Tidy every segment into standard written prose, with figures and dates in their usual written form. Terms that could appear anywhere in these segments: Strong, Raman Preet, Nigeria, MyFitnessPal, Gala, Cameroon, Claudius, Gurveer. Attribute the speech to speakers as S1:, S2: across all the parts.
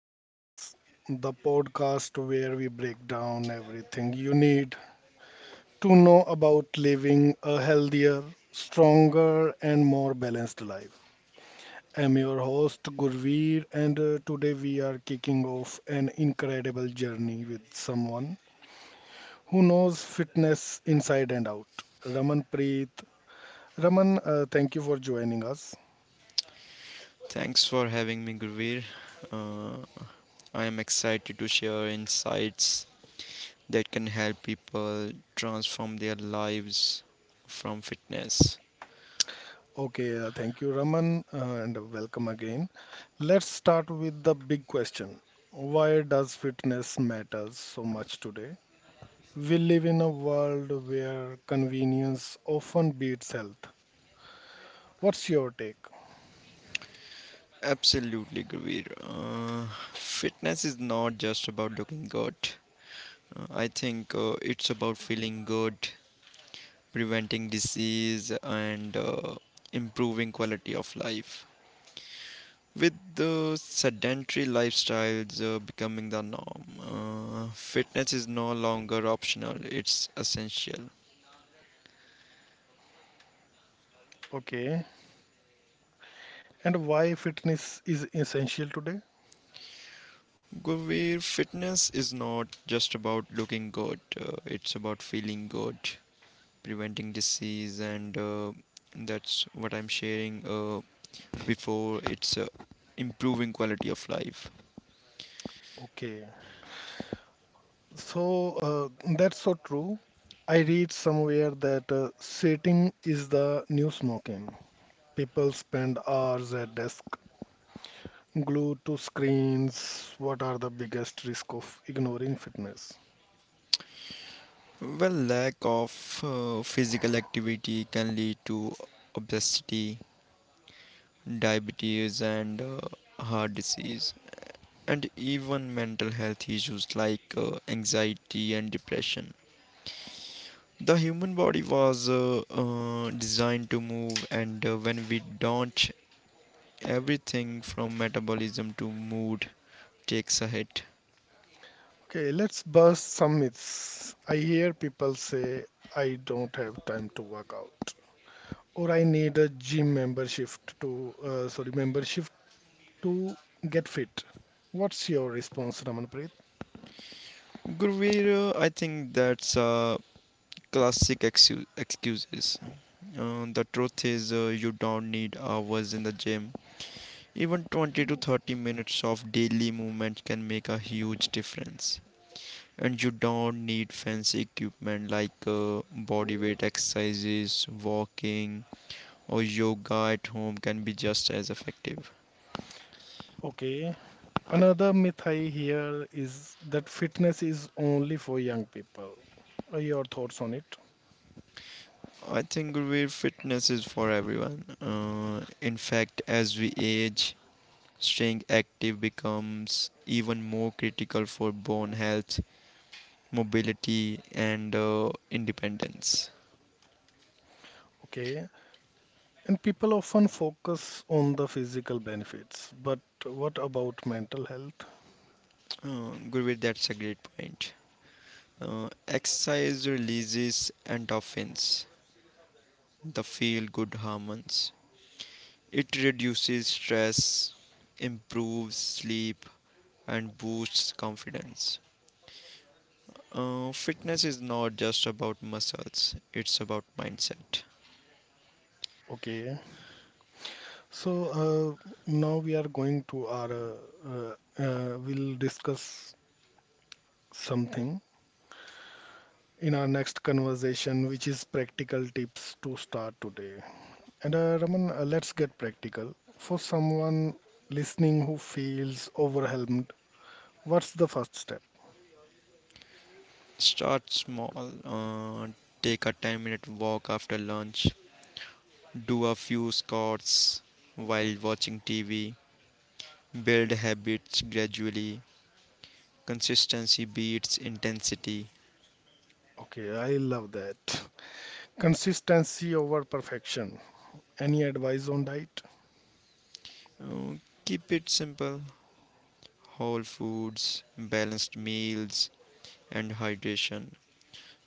S1: and Fitness, the podcast where we break down everything you need to know about living a healthier, stronger, and more balanced life. I'm your host, Gurveer, and today we are kicking off an incredible journey with someone who knows fitness inside and out, Raman Preet. Raman, thank you for joining us.
S2: Thanks for having me, Gurveer. Uh, I am excited to share insights that can help people transform their lives from fitness.
S1: Okay, thank you, Raman, and welcome again. Let's start with the big question. Why does fitness matter so much today? We live in a world where convenience often beats health. What's your take?
S2: Absolutely, Gurveer. Fitness is not just about looking good. I think it's about feeling good, preventing disease, and improving quality of life. With the sedentary lifestyles becoming the norm, fitness is no longer optional, it's essential.
S1: Okay, and why fitness is essential today?
S2: Where fitness is not just about looking good, it's about feeling good, preventing disease, and that's what I'm sharing before it's improving quality of life.
S1: Okay, so that's so true. I read somewhere that sitting is the new smoking. People spend hours at desk glued to screens. What are the biggest risk of ignoring fitness?
S2: Well, lack of physical activity can lead to obesity, diabetes, and heart disease, and even mental health issues like anxiety and depression. The human body was designed to move, and when we don't, everything from metabolism to mood takes a hit.
S1: Okay, let's bust some myths. I hear people say, I don't have time to work out, or I need a gym membership to, membership to get fit. What's your response, Ramanpreet?
S2: Gurveer, I think that's classic excuses. The truth is, you don't need hours in the gym. Even 20 to 30 minutes of daily movement can make a huge difference. And you don't need fancy equipment, like body weight exercises, walking, or yoga at home can be just as effective.
S1: Okay, another myth I hear is that fitness is only for young people. Are your thoughts on it?
S2: I think real fitness is for everyone. In fact, as we age, staying active becomes even more critical for bone health, mobility, and independence.
S1: Okay. And people often focus on the physical benefits, but what about mental health?
S2: Gurveer, that's a great point. Uh, Exercise releases endorphins, the feel good hormones. It reduces stress, improves sleep, and boosts confidence. Fitness is not just about muscles, it's about mindset.
S1: Okay, so now we are going to our, uh, we'll discuss something in our next conversation, which is practical tips to start today. And Raman, let's get practical. For someone listening who feels overwhelmed, what's the first step?
S2: Start small. uh, Take a 10-minute walk after lunch, do a few squats while watching TV, build habits gradually. Consistency beats intensity.
S1: Okay, I love that. Consistency over perfection. Any advice on diet?
S2: Uh, Keep it simple. Whole foods, balanced meals, and hydration.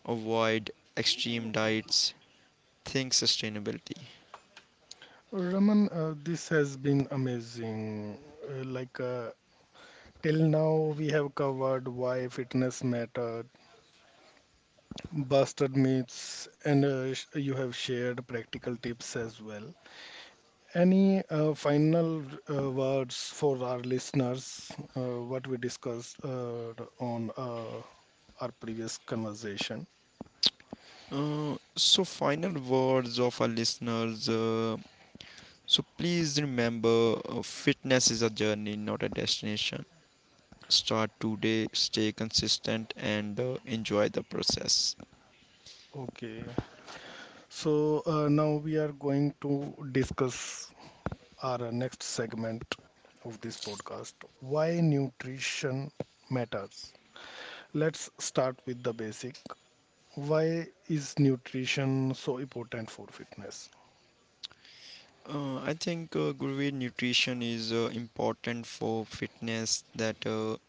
S2: Avoid extreme diets. Think sustainability.
S1: Raman, this has been amazing. Uh, like uh, till now, we have covered why fitness matter, busted myths, and you have shared practical tips as well. Any final words for our listeners? What we discussed on our previous conversation.
S2: So, final words of our listeners. So, please remember, fitness is a journey, not a destination. Start today, stay consistent, and enjoy the process.
S1: Okay, so now we are going to discuss our next segment of this podcast: why nutrition matters. Let's start with the basic. Why is nutrition so important for fitness?
S2: I think, Gurveer, nutrition is important for fitness. That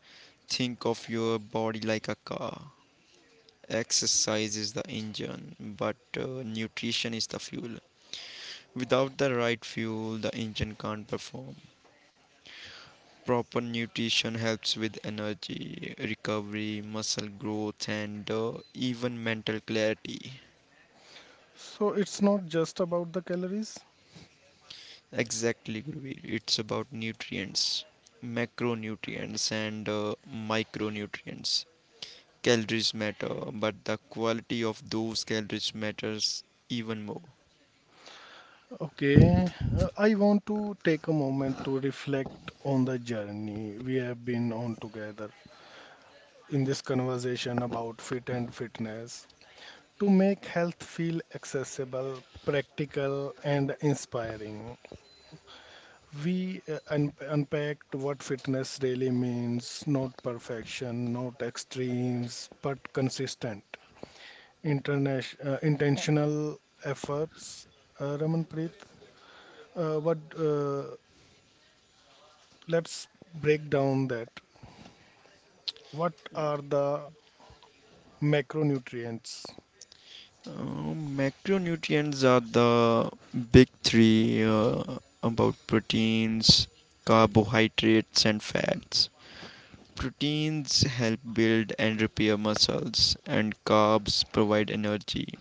S2: Think of your body like a car. Exercise is the engine, but nutrition is the fuel. Without the right fuel, the engine can't perform. Proper nutrition helps with energy, recovery, muscle growth, and even mental clarity.
S1: So, it's not just about the calories.
S2: Exactly, Gurveer. It's about nutrients, macronutrients, and micronutrients. Calories matter, but the quality of those calories matters even more.
S1: Okay, I want to take a moment to reflect on the journey we have been on together in this conversation about fit and fitness to make health feel accessible, practical, and inspiring. We un unpacked what fitness really means, not perfection, not extremes, but consistent, intentional efforts. Ramanpreet, uh, what, uh, let's break down that. What are the macronutrients?
S2: Macronutrients are the big three, about proteins, carbohydrates, and fats. Proteins help build and repair muscles, and carbs provide energy.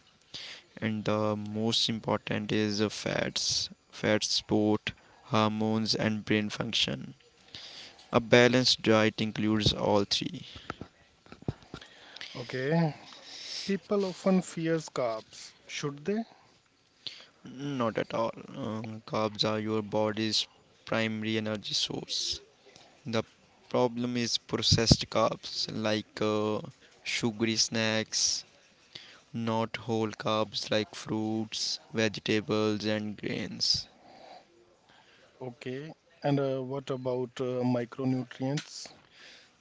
S2: And the most important is the fats. Fats support hormones and brain function. A balanced diet includes all three.
S1: Okay, people often fears carbs. Should they?
S2: Not at all. Carbs are your body's primary energy source. The problem is processed carbs like sugary snacks, not whole carbs like fruits, vegetables, and grains.
S1: Okay, and what about micronutrients?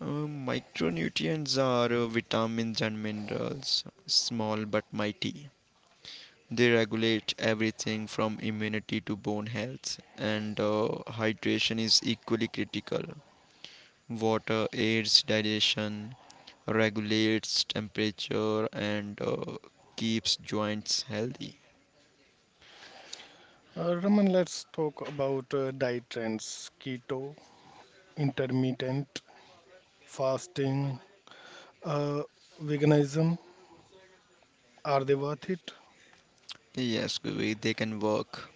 S2: Micronutrients are vitamins and minerals, small but mighty. They regulate everything from immunity to bone health, and hydration is equally critical. Water aids digestion, regulates temperature, and keeps joints healthy.
S1: Raman, let's talk about diet trends: keto, intermittent fasting, uh, veganism. Are they worth it?
S2: Yes, Vivek, they can work,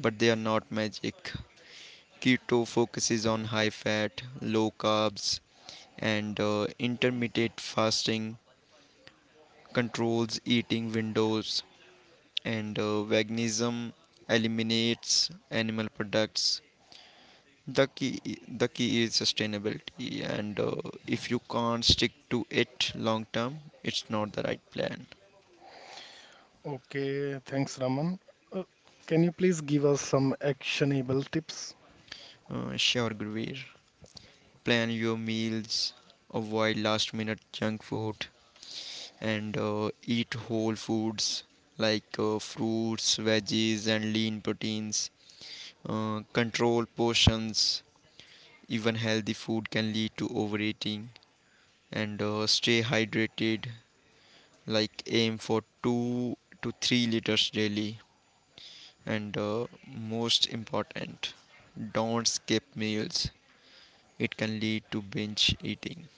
S2: but they are not magic. Keto focuses on high fat, low carbs, and intermittent fasting controls eating windows, and veganism eliminates animal products. The key is sustainability, and if you can't stick to it long term, it's not the right plan.
S1: Okay, thanks, Raman. Uh, can you please give us some actionable tips?
S2: Sure, Guruveer. Plan your meals, avoid last minute junk food, and eat whole foods like fruits, veggies, and lean proteins. Control portions. Even healthy food can lead to overeating. And stay hydrated, like aim for 2 to 3 liters daily. And most important, don't skip meals. It can lead to binge eating.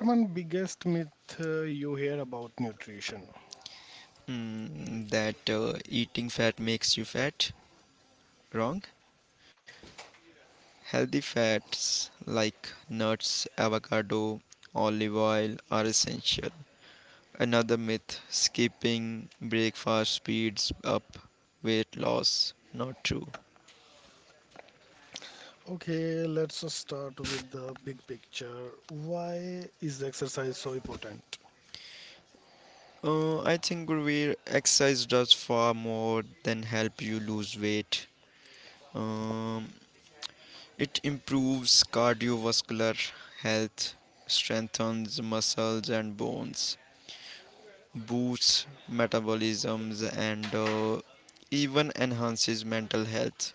S1: Raman, biggest myth you hear about nutrition.
S2: Mm, that eating fat makes you fat? Wrong. Healthy fats like nuts, avocado, olive oil are essential. Another myth: skipping breakfast speeds up weight loss. Not true.
S1: Okay, let's just start with the big picture. Why is exercise so important?
S2: I think, Gurveer, exercise does far more than help you lose weight. Um, It improves cardiovascular health, strengthens muscles and bones, boosts metabolisms, and even enhances mental health.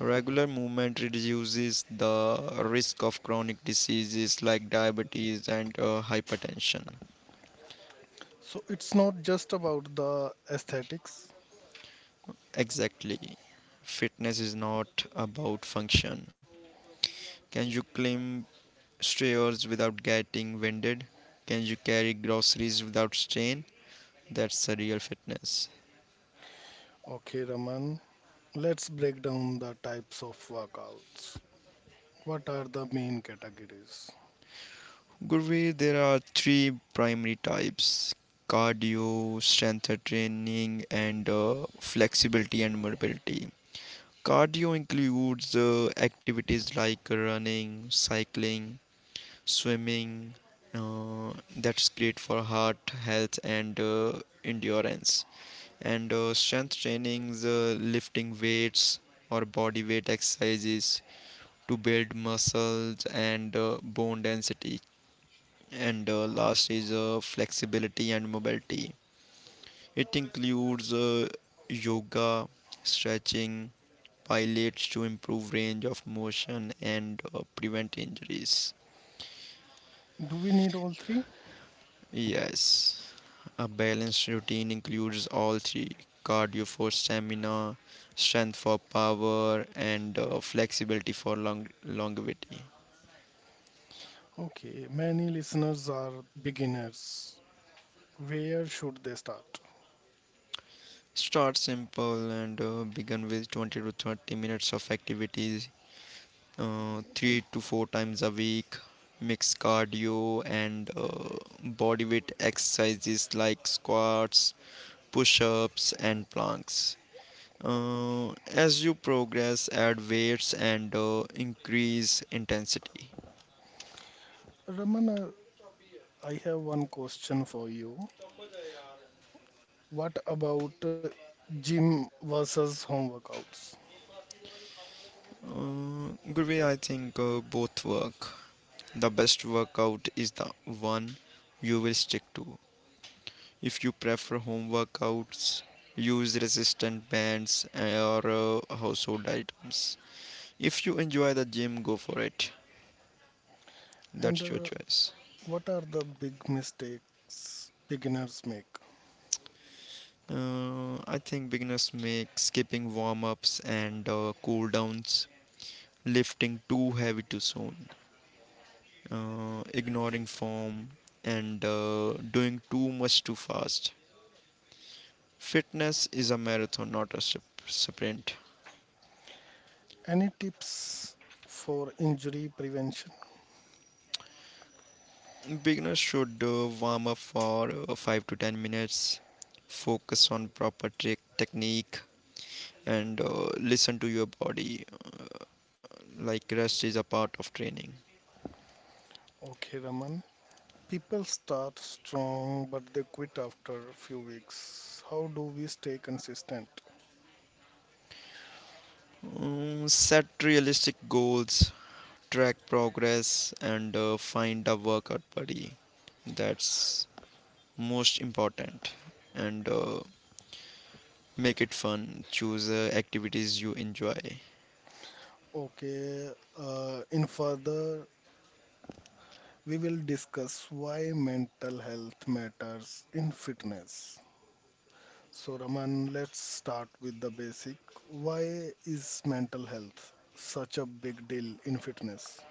S2: Regular movement reduces the risk of chronic diseases like diabetes and hypertension.
S1: So it's not just about the aesthetics.
S2: Exactly. Fitness is not about function. Can you climb stairs without getting winded? Can you carry groceries without strain? That's a real fitness.
S1: Okay, Raman. Let's break down the types of workouts. What are the main categories?
S2: Gurveer, there are three primary types: cardio, strength training, and flexibility and mobility. Cardio includes activities like running, cycling, swimming. That's great for heart health and endurance. And strength trainings, lifting weights or body weight exercises to build muscles and bone density. And last is flexibility and mobility. It includes yoga, stretching, pilates to improve range of motion and prevent injuries.
S1: Do we need all three?
S2: Yes, a balanced routine includes all three: cardio for stamina, strength for power, and flexibility for longevity.
S1: Okay, many listeners are beginners. Where should they start?
S2: Start simple, and begin with 20 to 30 minutes of activities, three to four times a week. Mix cardio and body weight exercises like squats, push-ups, and planks. uh, as you progress, add weights and increase intensity.
S1: Ramana, I have one question for you. What about gym versus home workouts?
S2: uh, Good way, I think. Both work. The best workout is the one you will stick to. If you prefer home workouts, use resistant bands or household items. If you enjoy the gym, go for it.
S1: And
S2: That's your choice.
S1: what are the big mistakes beginners make?
S2: I think beginners make skipping warm ups and cool downs, lifting too heavy too soon, ignoring form, and doing too much too fast. Fitness is a marathon, not a sprint.
S1: Any tips for injury prevention?
S2: Beginners should warm up for 5 to 10 minutes, focus on proper trick technique, and listen to your body. Like rest is a part of training.
S1: Okay, Raman. People start strong, but they quit after a few weeks. How do we stay consistent?
S2: Set realistic goals, track progress, and find a workout buddy. That's most important. And make it fun. Choose activities you enjoy.
S1: Okay, in further, we will discuss why mental health matters in fitness. So, Raman, let's start with the basic. Why is mental health such a big deal in fitness?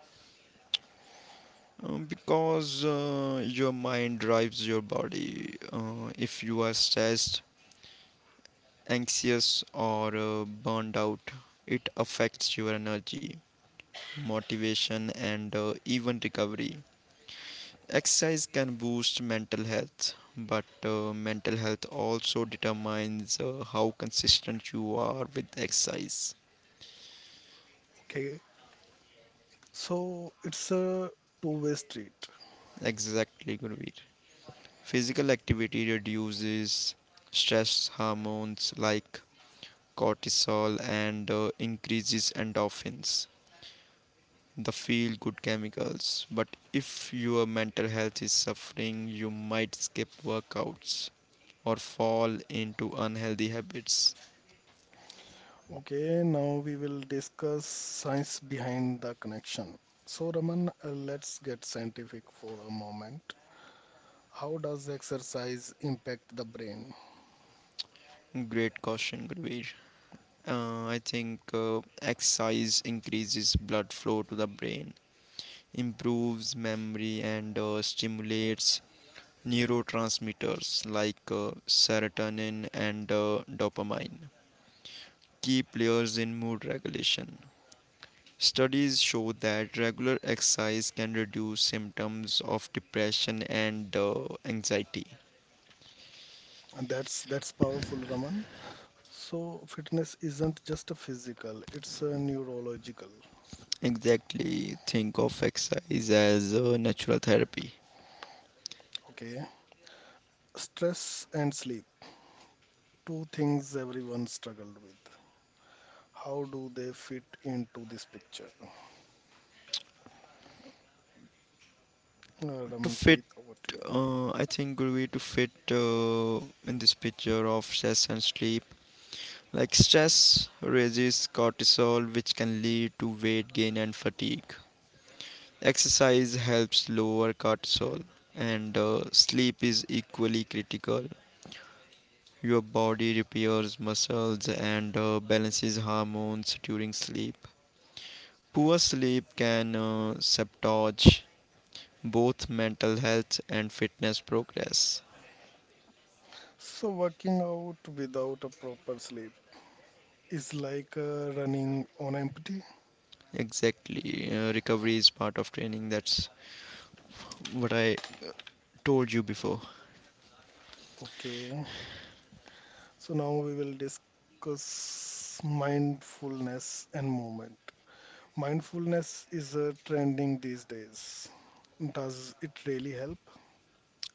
S2: Because your mind drives your body. If you are stressed, anxious, or burned out, it affects your energy, motivation, and even recovery. Exercise can boost mental health, but mental health also determines how consistent you are with exercise.
S1: Okay, so it's a two-way street.
S2: Exactly, Gurveer. Physical activity reduces stress hormones like cortisol and increases endorphins, the feel good chemicals. But if your mental health is suffering, you might skip workouts or fall into unhealthy habits.
S1: Okay, now we will discuss science behind the connection. So, Raman, let's get scientific for a moment. How does exercise impact the brain?
S2: Great caution, Gurveer. I think exercise increases blood flow to the brain, improves memory, and stimulates neurotransmitters like serotonin and dopamine, key players in mood regulation. Studies show that regular exercise can reduce symptoms of depression and anxiety.
S1: And that's powerful, Raman. So, fitness isn't just a physical, it's a neurological.
S2: Exactly, think of exercise as a natural therapy.
S1: Okay. Stress and sleep, two things everyone struggled with. How do they fit into this picture?
S2: to
S1: Raman
S2: fit
S1: Preet, over to you.
S2: uh, i think good way to fit, in this picture of stress and sleep, like stress raises cortisol, which can lead to weight gain and fatigue. Exercise helps lower cortisol, and sleep is equally critical. Your body repairs muscles and balances hormones during sleep. Poor sleep can sabotage both mental health and fitness progress.
S1: So, working out without a proper sleep is like running on empty.
S2: Exactly. Recovery is part of training. That's what I told you before.
S1: Okay, so now we will discuss mindfulness and movement. Mindfulness is trending these days. Does it really help?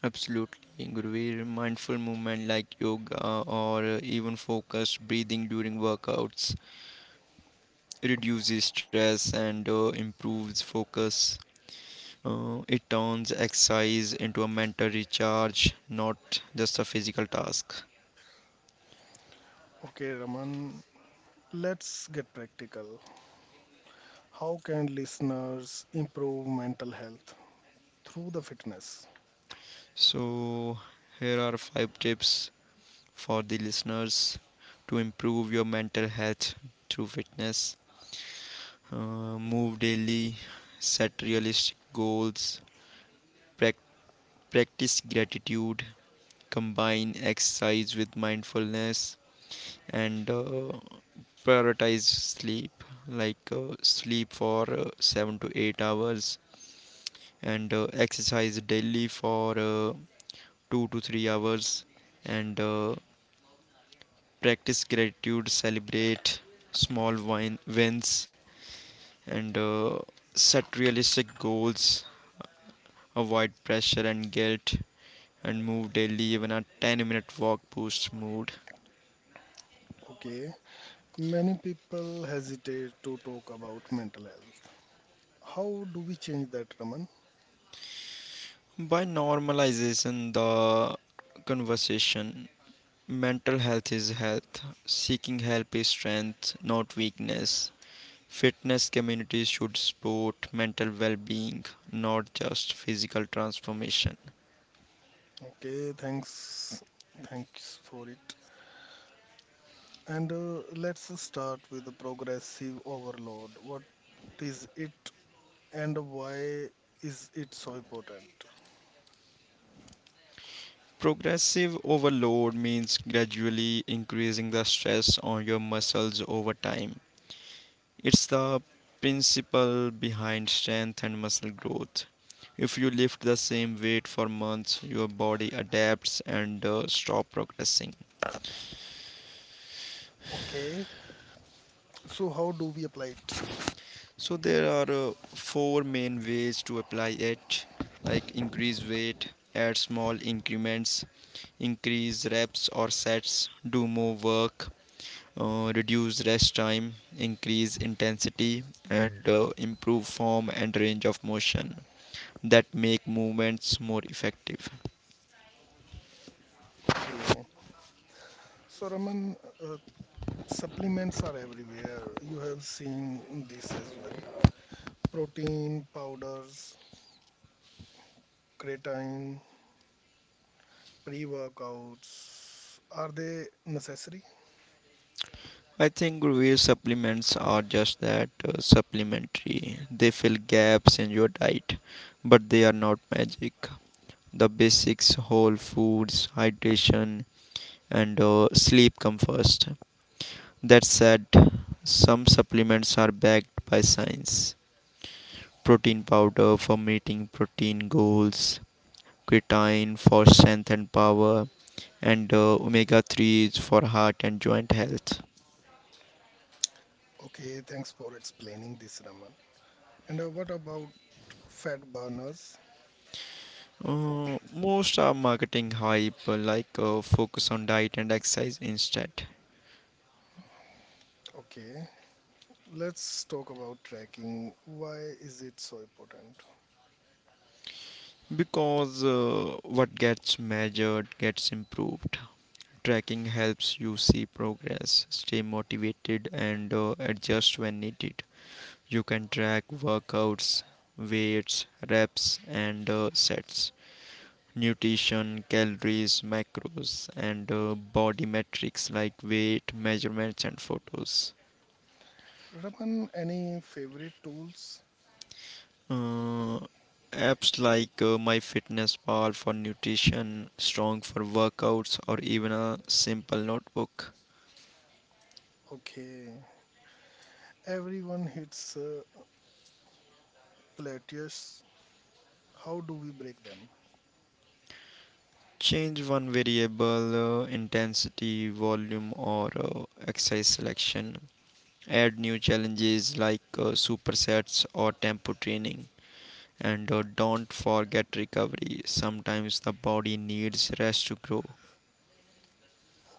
S2: Absolutely, Gurveer. Mindful movement like yoga, or even focused breathing during workouts, reduces stress and improves focus. It turns exercise into a mental recharge, not just a physical task.
S1: Okay, Raman, let's get practical. How can listeners improve mental health through the fitness?
S2: So, here are five tips for the listeners to improve your mental health through fitness. Move daily, set realistic goals, prac- practice gratitude, combine exercise with mindfulness, and prioritize sleep. Like sleep for 7 to 8 hours, and exercise daily for 2 to 3 hours. And practice gratitude, celebrate small wins. And set realistic goals, avoid pressure and guilt, and move daily. Even a 10-minute walk boosts mood.
S1: Okay, many people hesitate to talk about mental health. How do we change that, Raman?
S2: By normalization, the conversation, mental health is health, seeking help is strength, not weakness. Fitness communities should support mental well being, not just physical transformation.
S1: Okay, thanks. Thanks for it. And let's start with the progressive overload. What is it and why is it so important?
S2: Progressive overload means gradually increasing the stress on your muscles over time. It's the principle behind strength and muscle growth. If you lift the same weight for months, your body adapts and stop progressing.
S1: Okay, so how do we apply it?
S2: So there are four main ways to apply it, like increase weight, add small increments, increase reps or sets, do more work, reduce rest time, increase intensity, and improve form and range of motion, that make movements more effective.
S1: Okay, so Raman, uh, supplements are everywhere. You have seen this as well. Protein powders, creatine, pre-workouts. Are they necessary?
S2: I think whey supplements are just that, supplementary. They fill gaps in your diet, but they are not magic. The basics, whole foods, hydration, and sleep come first. That said, some supplements are backed by science. Protein powder for meeting protein goals, creatine for strength and power, and omega 3s for heart and joint health.
S1: Okay, thanks for explaining this, Raman. And what about fat burners?
S2: Most are marketing hype. Like focus on diet and exercise instead.
S1: Okay, let's talk about tracking. Why is it so important?
S2: Because what gets measured gets improved. Tracking helps you see progress, stay motivated, and adjust when needed. You can track workouts, weights, reps, and sets, nutrition, calories, macros, and body metrics like weight measurements and photos.
S1: Raman, any favorite tools?
S2: Uh, Apps like MyFitnessPal for nutrition, Strong for workouts, or even a simple notebook.
S1: Okay, everyone hits plateaus. How do we break them?
S2: Change one variable, intensity, volume, or exercise selection. Add new challenges like supersets or tempo training. And don't forget recovery. Sometimes the body needs rest to grow.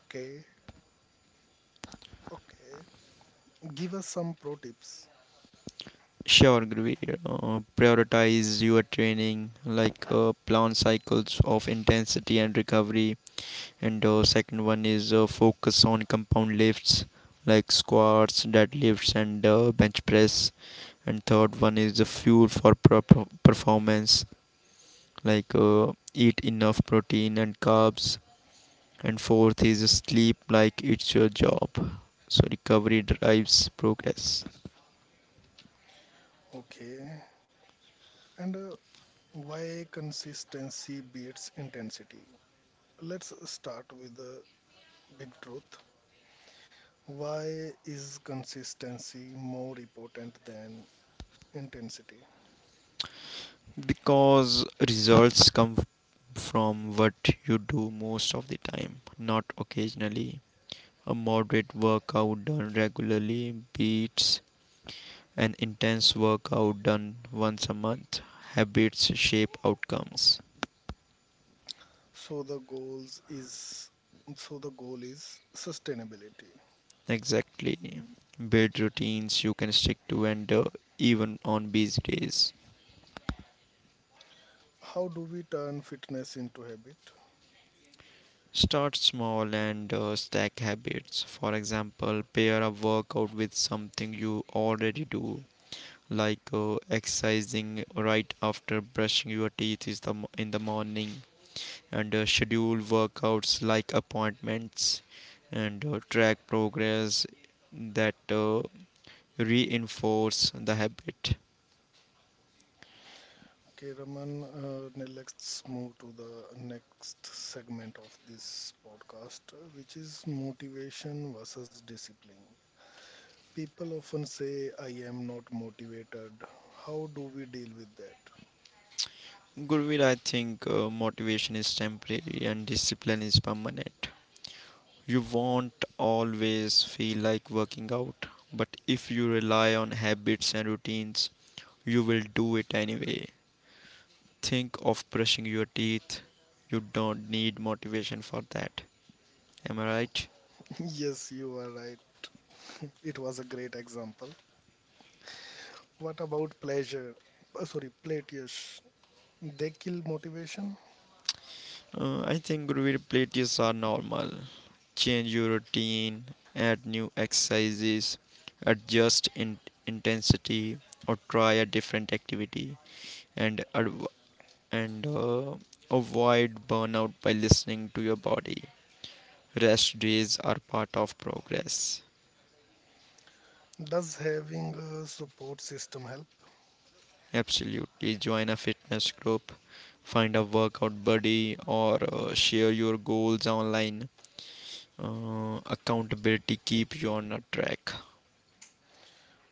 S1: Okay, okay. Give us some pro tips.
S2: Sure, Greer. Prioritize your training, like plan cycles of intensity and recovery. And second one is focus on compound lifts, like squats, deadlifts, and bench press. And third one is the fuel for performance, like eat enough protein and carbs. And fourth is sleep, like it's your job. So recovery drives progress.
S1: Okay, and why consistency beats intensity? Let's start with the big truth. Why is consistency more important than intensity?
S2: Because results come from what you do most of the time, not occasionally. A moderate workout done regularly beats an intense workout done once a month. Habits shape outcomes.
S1: So the goals is so the goal is sustainability.
S2: Exactly. Build routines you can stick to, and even on busy days.
S1: How do we turn fitness into habit?
S2: Start small and stack habits. For example, pair a workout with something you already do, like exercising right after brushing your teeth in the morning, and schedule workouts like appointments, and track progress that reinforce the habit.
S1: Okay, Raman, now let's move to the next segment of this podcast, which is motivation versus discipline. People often say, I am not motivated. How do we deal with that?
S2: Gurveer, I think motivation is temporary and discipline is permanent. You won't always feel like working out, but if you rely on habits and routines, you will do it anyway. Think of brushing your teeth, you don't need motivation for that. Am I right?
S1: Yes, you are right. It was a great example. What about pleasure? Platyus. They kill motivation.
S2: I think realities are normal. Change your routine, add new exercises, adjust intensity, or try a different activity, and and uh, avoid burnout by listening to your body. Rest days are part of progress.
S1: Does having a support system help?
S2: Absolutely, join a fitness group, find a workout buddy, or share your goals online. Accountability keep you on a track.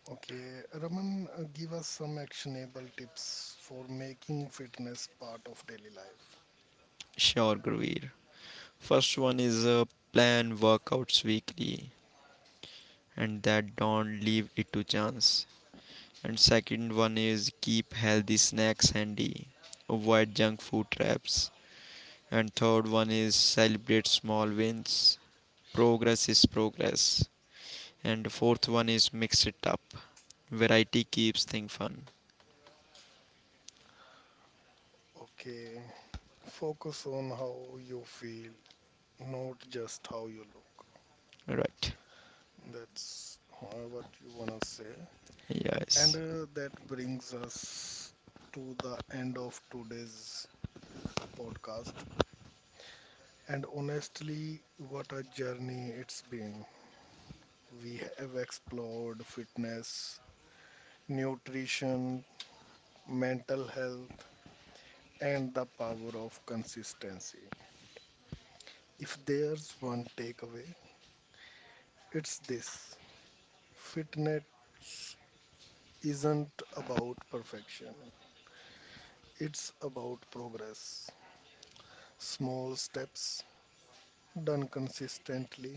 S1: Okay, Raman, give us some actionable tips for making fitness part of daily life.
S2: Sure, Guruveer. First one is, plan workouts weekly, and that don't leave it to chance. And second one is keep healthy snacks handy, avoid junk food traps. And third one is celebrate small wins. Progress is progress. And fourth one is mix it up. Variety keeps thing fun.
S1: Okay, focus on how you feel, not just how you look.
S2: Right.
S1: That's what you wanna say. And
S2: Yes.
S1: that brings us to the end of today's podcast. And honestly, what a journey it's been. We have explored fitness, nutrition, mental health, and the power of consistency. If there's one takeaway, it's this: fitness isn't about perfection, it's about progress. Small steps done consistently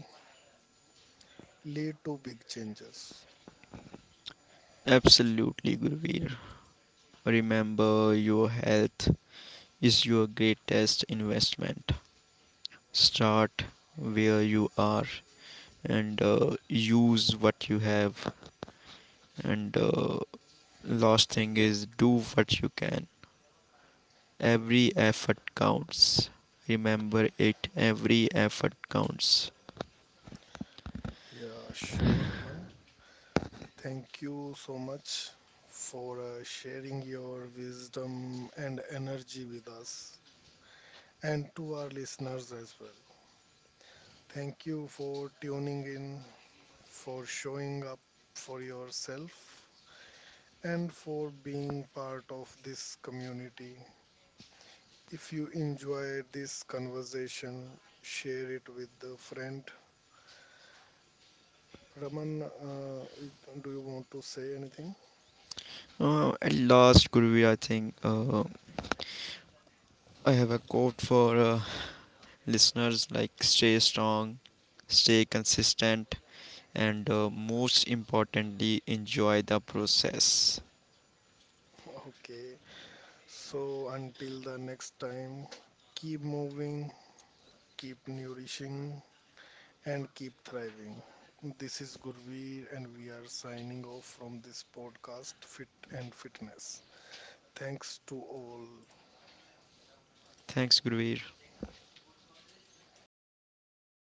S1: lead to big changes.
S2: Absolutely, Gurveer. Remember, your health is your greatest investment. Start where you are, and use what you have. And last thing is, do what you can. Every effort counts. Remember it. Every effort counts.
S1: Yeah, sure, Raman. Thank you so much for sharing your wisdom and energy with us, and to our listeners as well. Thank you for tuning in, for showing up for yourself, and for being part of this community. If you enjoyed this conversation, share it with a friend. Raman, do you want to say anything?
S2: At last, Gurveer, I think, I have a quote for listeners. Like stay strong, stay consistent, and most importantly, enjoy the process.
S1: Okay. So until the next time, keep moving, keep nourishing, and keep thriving. This is Gurveer, and we are signing off from this podcast, Fit and Fitness. Thanks to all.
S2: Thanks, Gurveer. Take care and